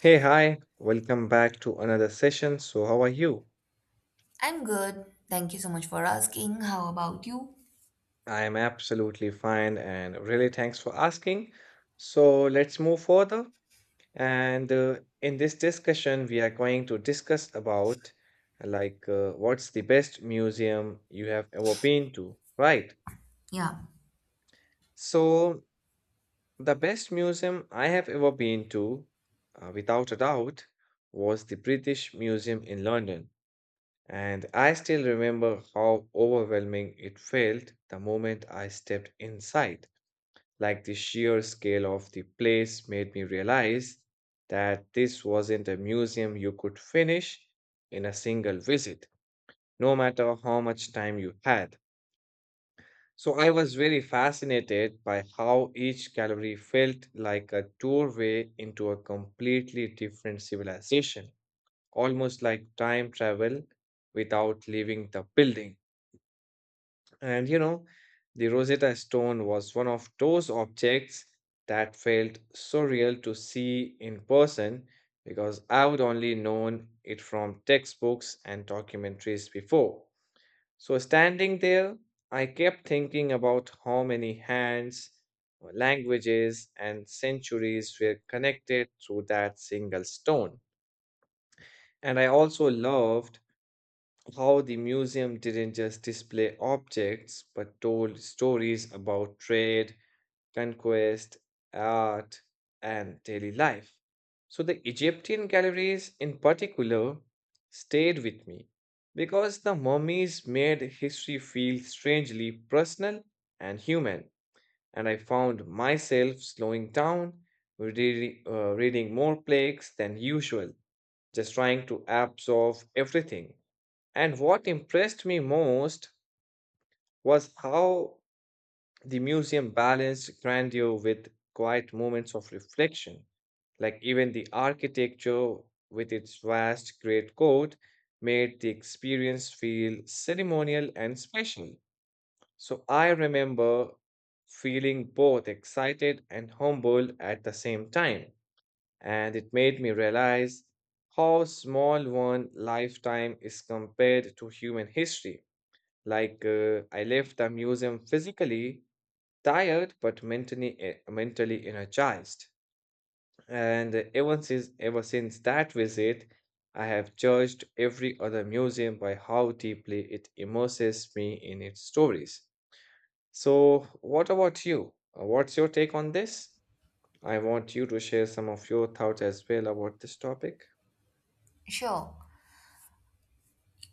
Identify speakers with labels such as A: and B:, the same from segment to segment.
A: Hey, hi, welcome back to another session. So, how are you?
B: I'm good. Thank you so much for asking. How about you?
A: I am absolutely fine and really thanks for asking. So, let's move further. And In this discussion, we are going to discuss about what's the best museum you have ever been to, right?
B: Yeah,
A: So, the best museum I have ever been to, without a doubt, was the British Museum in London. And I still remember how overwhelming it felt the moment I stepped inside. Like the sheer scale of the place made me realize that this wasn't a museum you could finish in a single visit, no matter how much time you had. So I was very fascinated by how each gallery felt like a doorway into a completely different civilization, almost like time travel without leaving the building. And you know, the Rosetta Stone was one of those objects that felt so real to see in person because I would only known it from textbooks and documentaries before. So standing there, I kept thinking about how many hands, languages, and centuries were connected through that single stone. And I also loved how the museum didn't just display objects but told stories about trade, conquest, art, and daily life. So the Egyptian galleries in particular stayed with me because the mummies made history feel strangely personal and human, and I found myself slowing down, reading more plaques than usual, just trying to absorb everything. And what impressed me most was how the museum balanced grandeur with quiet moments of reflection. Like even the architecture with its vast great court made the experience feel ceremonial and special. So I remember feeling both excited and humbled at the same time. And it made me realize how small one lifetime is compared to human history. I left the museum physically tired but mentally energized. And ever since that visit, I have judged every other museum by how deeply it immerses me in its stories. So, what about you? What's your take on this? I want you to share some of your thoughts as well about this topic.
B: sure.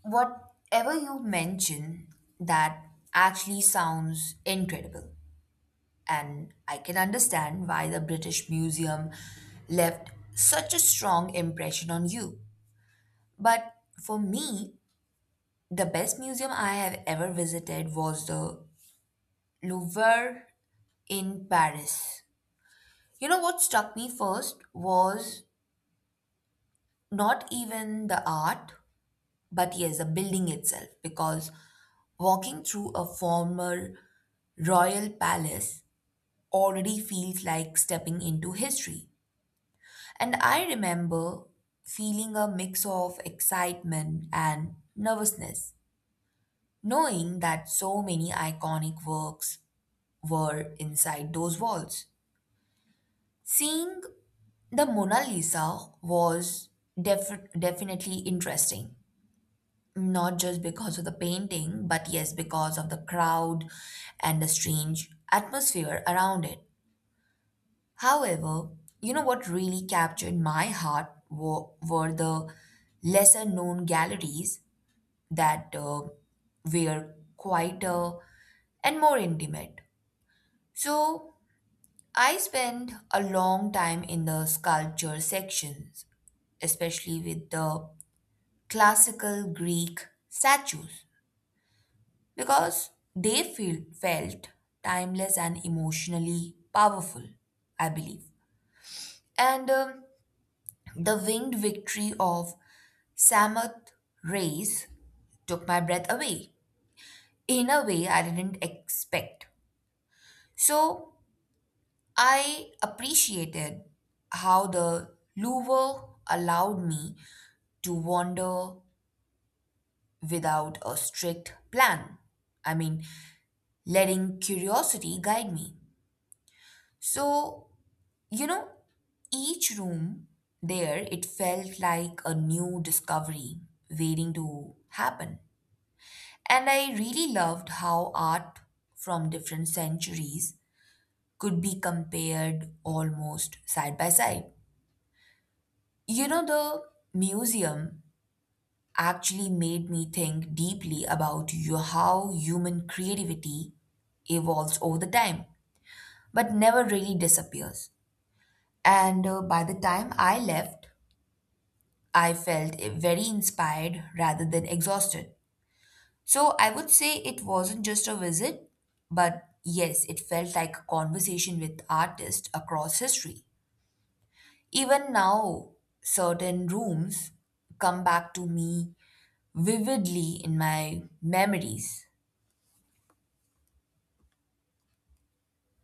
B: Whatever you mention, that actually sounds incredible. And I can understand why the British Museum left such a strong impression on you. But for me, the best museum I have ever visited was the Louvre in Paris. You know what struck me first was not even the art, but yes, the building itself, because walking through a former royal palace already feels like stepping into history. And I remember feeling a mix of excitement and nervousness, knowing that so many iconic works were inside those walls. Seeing the Mona Lisa was definitely interesting. Not just because of the painting, but yes, because of the crowd and the strange atmosphere around it. However, you know what really captured my heart were the lesser known galleries that were quieter and more intimate. So I spent a long time in the sculpture sections, especially with the classical Greek statues, because they felt timeless and emotionally powerful, I believe. And The winged victory of Samath Race took my breath away in a way I didn't expect. So I appreciated how the Louvre allowed me to wander without a strict plan. I mean, letting curiosity guide me. So you know, each room there, it felt like a new discovery waiting to happen. And I really loved how art from different centuries could be compared almost side by side. You know, the museum actually made me think deeply about you, how human creativity evolves over the time, but never really disappears. And By the time I left, I felt very inspired rather than exhausted. So I would say it wasn't just a visit, but yes, it felt like a conversation with artists across history. Even now, certain rooms come back to me vividly in my memories.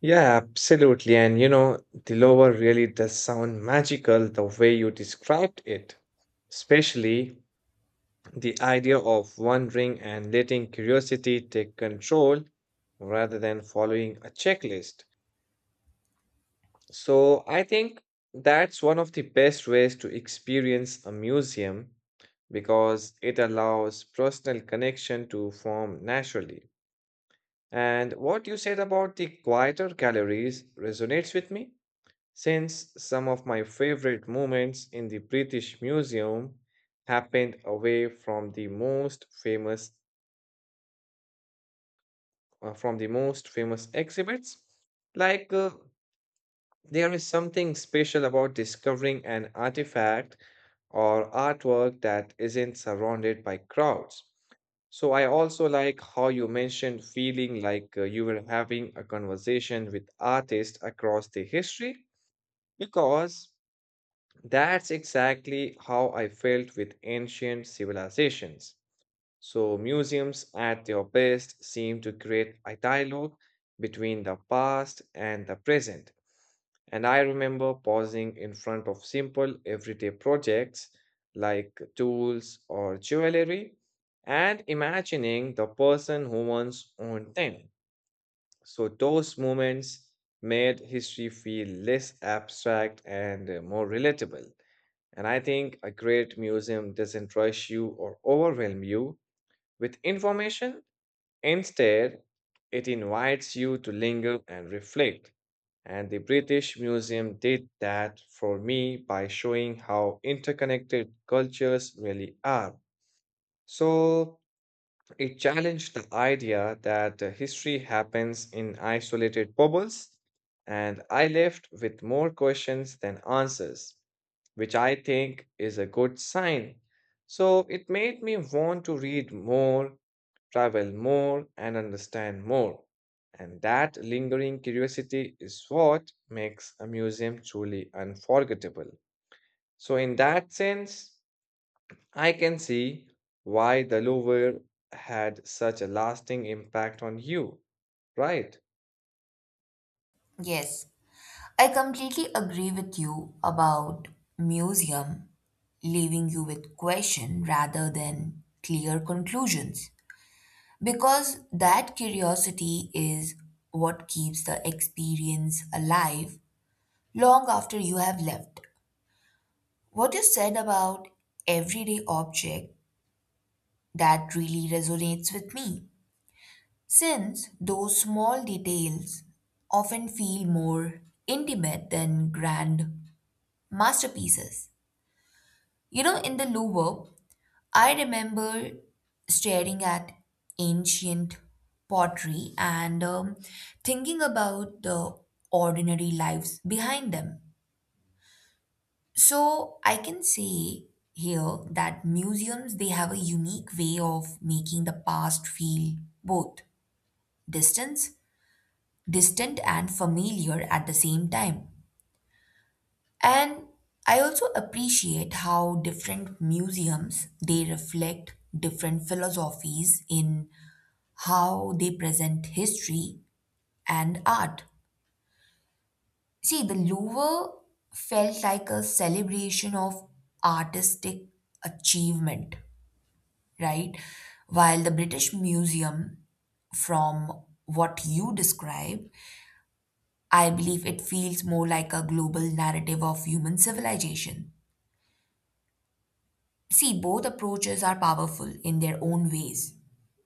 A: Yeah, absolutely. And you know, the lower really does sound magical the way you described it, especially the idea of wandering and letting curiosity take control rather than following a checklist. So I think that's one of the best ways to experience a museum because it allows personal connection to form naturally. And what you said about the quieter galleries resonates with me since some of my favorite moments in the British Museum happened away from the most famous exhibits. Like uh, there is something special about discovering an artifact or artwork that isn't surrounded by crowds. So I also like how you mentioned feeling you were having a conversation with artists across the history because that's exactly how I felt with ancient civilizations. So, museums at their best seem to create a dialogue between the past and the present. And I remember pausing in front of simple everyday projects like tools or jewelry and imagining the person who once owned them. So, those moments made history feel less abstract and more relatable. And I think a great museum doesn't rush you or overwhelm you with information. Instead, it invites you to linger and reflect. And the British Museum did that for me by showing how interconnected cultures really are. So, it challenged the idea that history happens in isolated bubbles, and I left with more questions than answers, which I think is a good sign. So it made me want to read more, travel more, and understand more. And that lingering curiosity is what makes a museum truly unforgettable. So, in that sense, I can see why the Louvre had such a lasting impact on you, right?
B: Yes, I completely agree with you about museum leaving you with question rather than clear conclusions, because that curiosity is what keeps the experience alive long after you have left. What you said about everyday object, that really resonates with me since those small details often feel more intimate than grand masterpieces. You know, in the Louvre I remember staring at ancient pottery and thinking about the ordinary lives behind them. So I can say here that museums they have a unique way of making the past feel both distance, distant and familiar at the same time. And I also appreciate how different museums they reflect different philosophies in how they present history and art. See, the Louvre felt like a celebration of artistic achievement, right? While the British Museum, from what you describe, I believe it feels more like a global narrative of human civilization. See, both approaches are powerful in their own ways,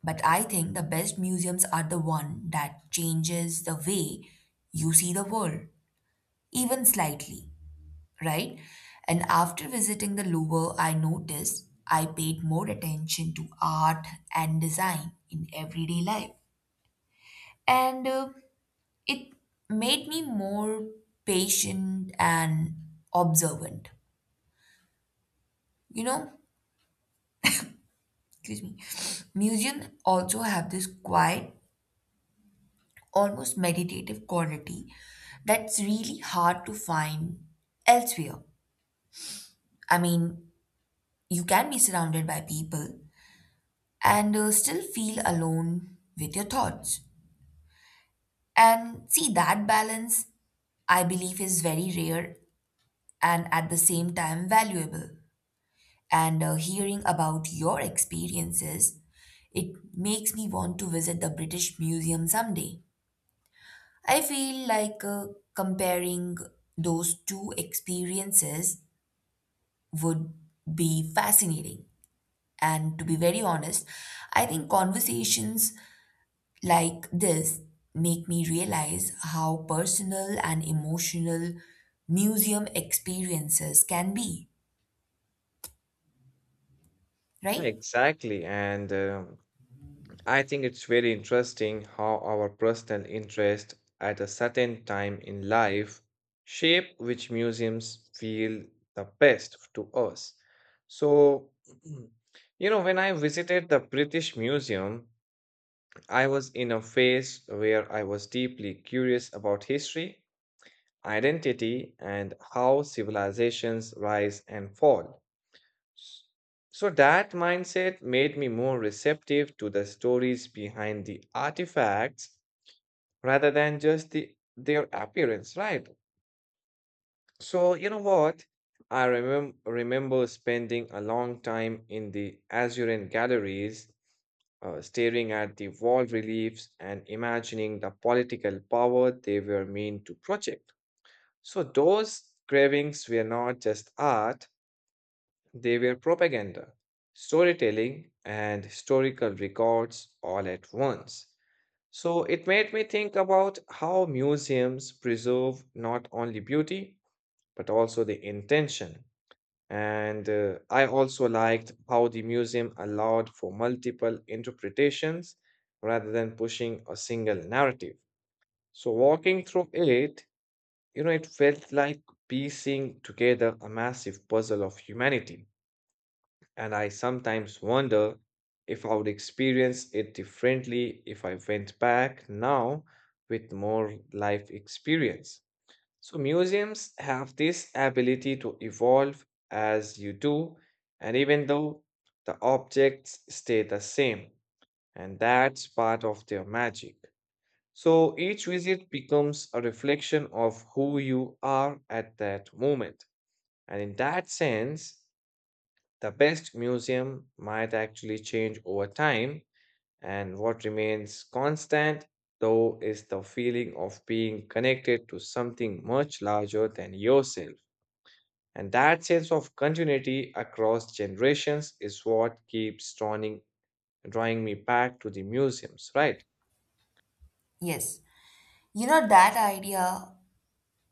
B: but I think the best museums are the one that changes the way you see the world, even slightly, right? And after visiting the Louvre, I noticed I paid more attention to art and design in everyday life. And It made me more patient and observant. You know, excuse me, museums also have this quiet, almost meditative quality that's really hard to find elsewhere. I mean, you can be surrounded by people, and still feel alone with your thoughts. And see, that balance, I believe, is very rare and at the same time valuable. And Hearing about your experiences, it makes me want to visit the British Museum someday. I feel like comparing those two experiences would be fascinating. And to be very honest, I think conversations like this make me realize how personal and emotional museum experiences can be,
A: Yeah,
B: right?
A: exactly. And I think it's very interesting how our personal interest at a certain time in life shape which museums feel the best to us. So, you know, when I visited the British Museum, I was in a phase where I was deeply curious about history identity, and how civilizations rise and fall. S- So, that mindset made me more receptive to the stories behind the artifacts rather than just their appearance, right? So, you know what? I remember spending a long time in the Azurean galleries, staring at the wall reliefs and imagining the political power they were meant to project. So those cravings were not just art, they were propaganda, storytelling, and historical records all at once. So it made me think about how museums preserve not only beauty, but also the intention. And I also liked how the museum allowed for multiple interpretations rather than pushing a single narrative. So, walking through it, you know, it felt like piecing together a massive puzzle of humanity. And I sometimes wonder if I would experience it differently if I went back now with more life experience. So, museums have this ability to evolve as you do, and even though the objects stay the same, and that's part of their magic. So each visit becomes a reflection of who you are at that moment. And in that sense, the best museum might actually change over time. And what remains constant, though, is the feeling of being connected to something much larger than yourself. And that sense of continuity across generations is what keeps drawing me back to the museums, right?
B: Yes. You know, that idea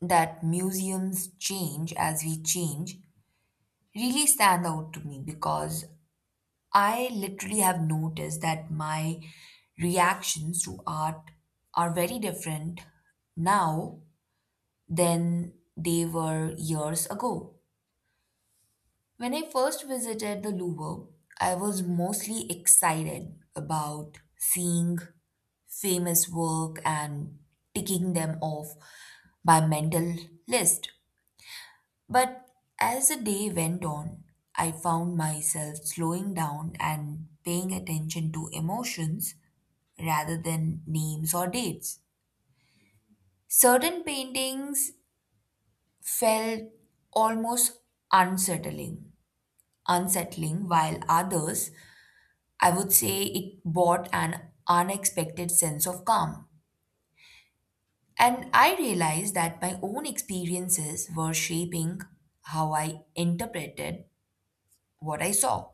B: that museums change as we change really stand out to me because I literally have noticed that my reactions to art are very different now than they were years ago. When I first visited the Louvre, I was mostly excited about seeing famous work and ticking them off my mental list. But as the day went on, I found myself slowing down and paying attention to emotions rather than names or dates. Certain paintings felt almost unsettling, unsettling, while others I would say it brought an unexpected sense of calm. And I realized that my own experiences were shaping how I interpreted what I saw.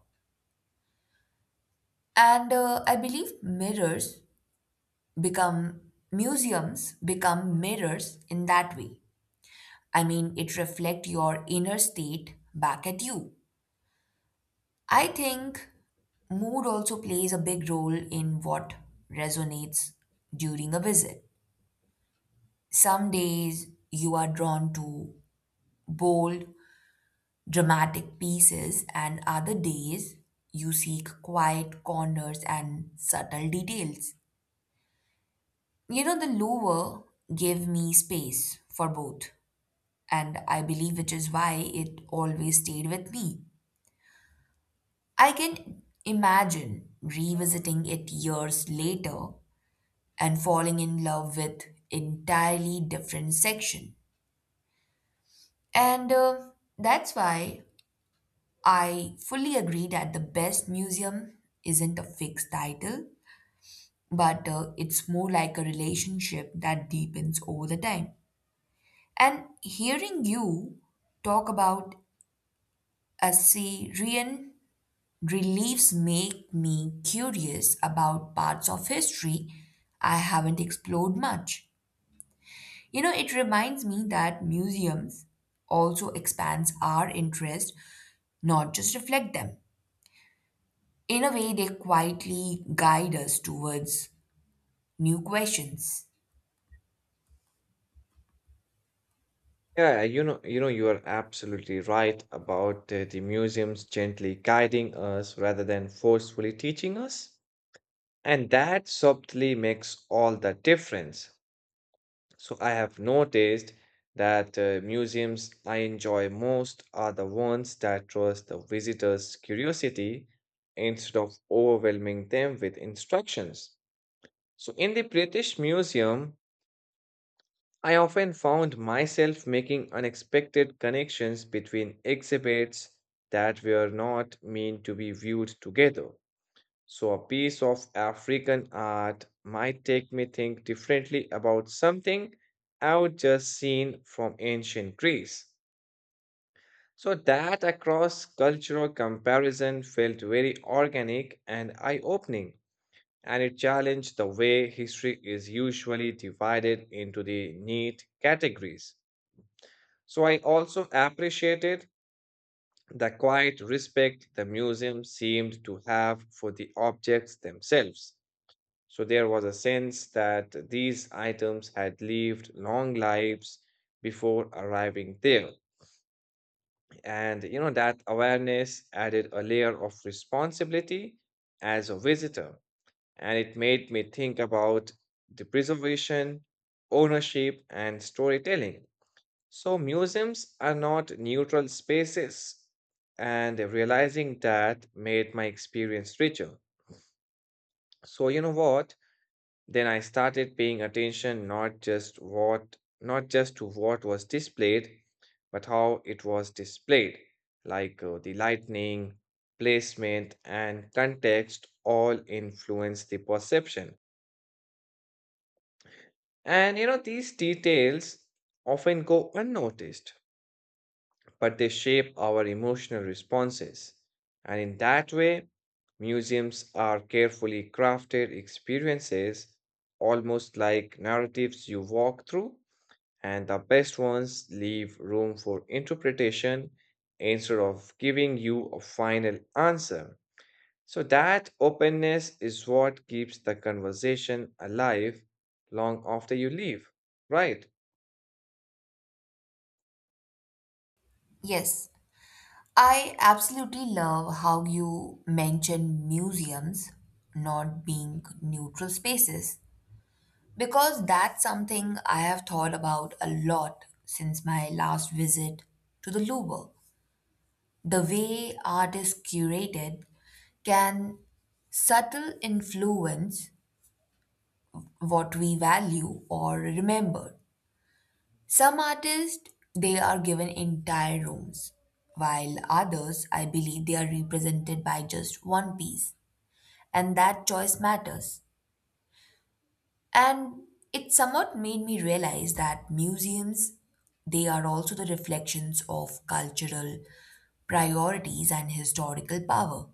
B: And I believe mirrors become museums, become mirrors in that way. I mean, it reflects your inner state back at you. I think mood also plays a big role in what resonates during a visit. Some days you are drawn to bold, dramatic pieces, and other days you seek quiet corners and subtle details. You know, the Louvre gave me space for both, and I believe which is why it always stayed with me. I can imagine revisiting it years later and falling in love with entirely different section. And That's why I fully agree that the best museum isn't a fixed title, but it's more like a relationship that deepens over the time. And hearing you talk about Assyrian reliefs make me curious about parts of history I haven't explored much. You know, it reminds me that museums also expands our interest, not just reflect them. In a way, they quietly guide us towards new questions.
A: Yeah, you know, you are absolutely right about the museums gently guiding us rather than forcefully teaching us, and that subtly makes all the difference. So I have noticed that museums I enjoy most are the ones that trust the visitor's curiosity instead of overwhelming them with instructions. So in the British Museum, I often found myself making unexpected connections between exhibits that were not meant to be viewed together. So, a piece of African art might take me think differently about something I would just seen from ancient Greece. So that across cultural comparison felt very organic and eye-opening, and it challenged the way history is usually divided into the neat categories. So I also appreciated the quiet respect the museum seemed to have for the objects themselves. So there was a sense that these items had lived long lives before arriving there. And you know that awareness added a layer of responsibility as a visitor. And it made me think about the preservation, ownership, and storytelling. So, museums are not neutral spaces, and realizing that made my experience richer. So, you know what? Then I started paying attention not just to what was displayed, but how it was displayed, like the lighting, placement, and context all influence the perception. And you know, these details often go unnoticed, but they shape our emotional responses. And in that way, museums are carefully crafted experiences, almost like narratives you walk through, and the best ones leave room for interpretation instead of giving you a final answer. So, that openness is what keeps the conversation alive long after you leave, right?
B: Yes, I absolutely love how you mention museums not being neutral spaces because that's something I have thought about a lot since my last visit to the Louvre. The way art is curated can subtle influence what we value or remember. Some artists, they are given entire rooms, while others, I believe, they are represented by just one piece. And that choice matters. And it somewhat made me realize that museums, they are also the reflections of cultural priorities and historical power.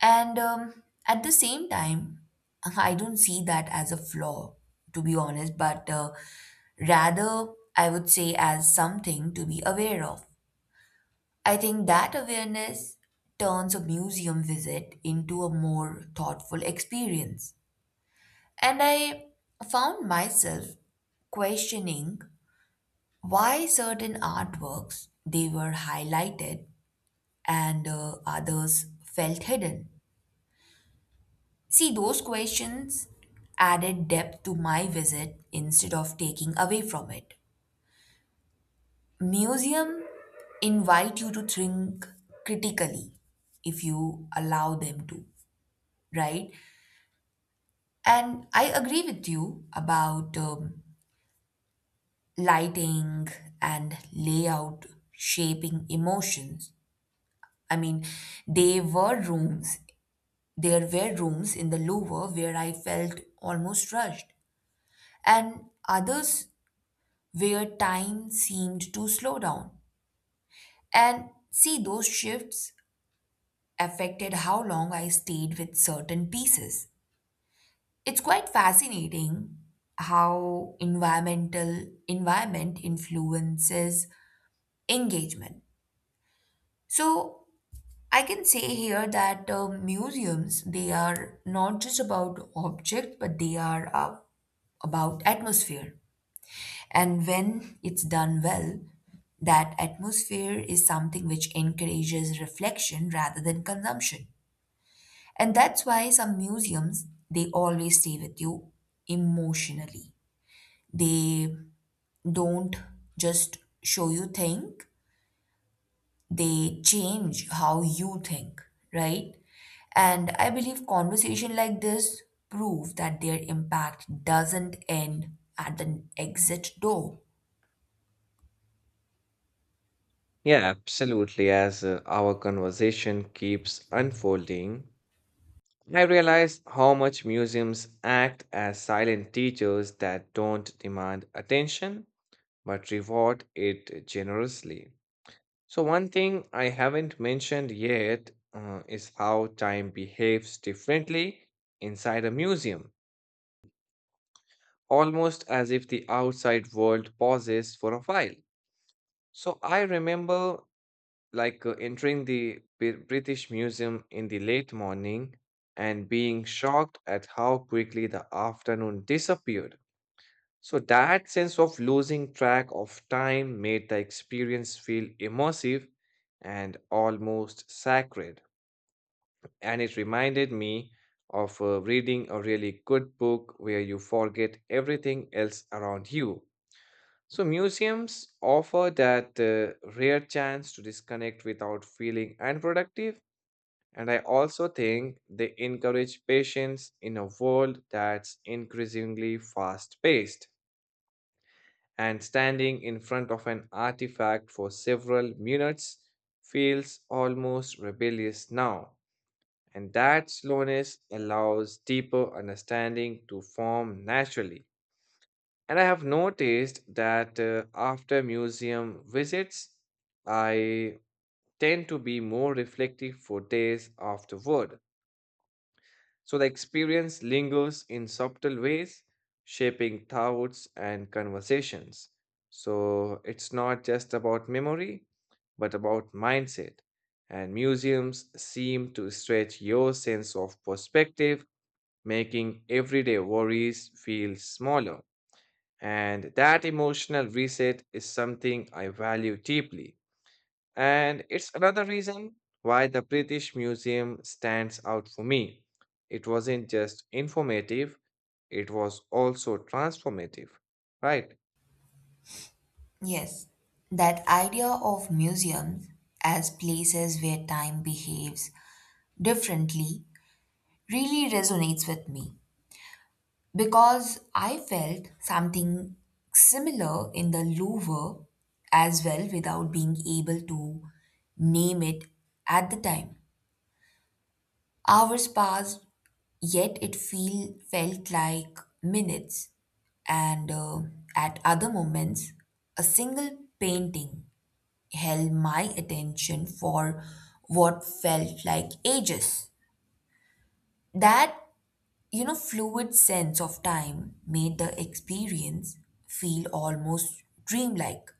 B: And At the same time, I don't see that as a flaw, to be honest, but rather I would say as something to be aware of. I think that awareness turns a museum visit into a more thoughtful experience. And I found myself questioning why certain artworks they were highlighted and others felt hidden. See, those questions added depth to my visit instead of taking away from it. Museum invite you to think critically if you allow them to, right? And I agree with you about lighting and layout shaping emotions. I mean, they were rooms, there were rooms in the Louvre where I felt almost rushed, and others where time seemed to slow down. And see, those shifts affected how long I stayed with certain pieces. It's quite fascinating how environment influences engagement. So I can say here that museums they are not just about objects, but they are about atmosphere. And when it's done well, that atmosphere is something which encourages reflection rather than consumption. And that's why some museums, they always stay with you emotionally. They don't just show you think, they change how you think, right? And I believe conversation like this prove that their impact doesn't end at an exit door.
A: Yeah, absolutely. As our conversation keeps unfolding, I realize how much museums act as silent teachers that don't demand attention but reward it generously. So, one thing I haven't mentioned yet is how time behaves differently inside a museum, almost as if the outside world pauses for a while. So, I remember entering the British Museum in the late morning and being shocked at how quickly the afternoon disappeared. So, that sense of losing track of time made the experience feel immersive and almost sacred. And it reminded me of reading a really good book where you forget everything else around you. So, museums offer that rare chance to disconnect without feeling unproductive, and I also think they encourage patience in a world that's increasingly fast paced. And standing in front of an artifact for several minutes feels almost rebellious now. And that slowness allows deeper understanding to form naturally. And I have noticed that after museum visits, I tend to be more reflective for days afterward. So the experience lingers in subtle ways, shaping thoughts and conversations. So it's not just about memory, but about mindset. And museums seem to stretch your sense of perspective, making everyday worries feel smaller. And that emotional reset is something I value deeply. And it's another reason why the British Museum stands out for me. It wasn't just informative, it was also transformative, right?
B: Yes, that idea of museums as places where time behaves differently really resonates with me because I felt something similar in the Louvre as well without being able to name it at the time. Hours passed, yet it feel felt like minutes, and at other moments, a single painting held my attention for what felt like ages. That, you know, fluid sense of time made the experience feel almost dreamlike.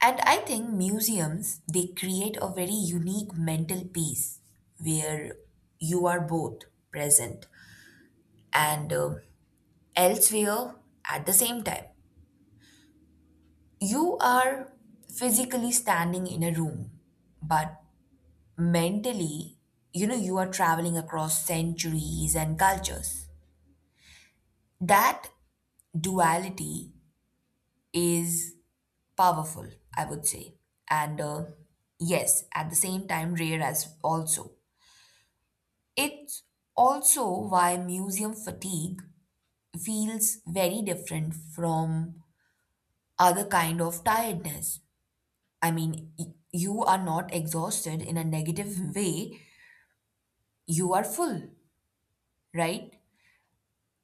B: And I think museums, they create a very unique mental peace where you are both present and elsewhere at the same time. You are physically standing in a room, but mentally, you know, you are traveling across centuries and cultures. That duality is powerful, I would say. And yes, at the same time, rare as also. It's also why museum fatigue feels very different from other kind of tiredness. I mean, you are not exhausted in a negative way, you are full, right?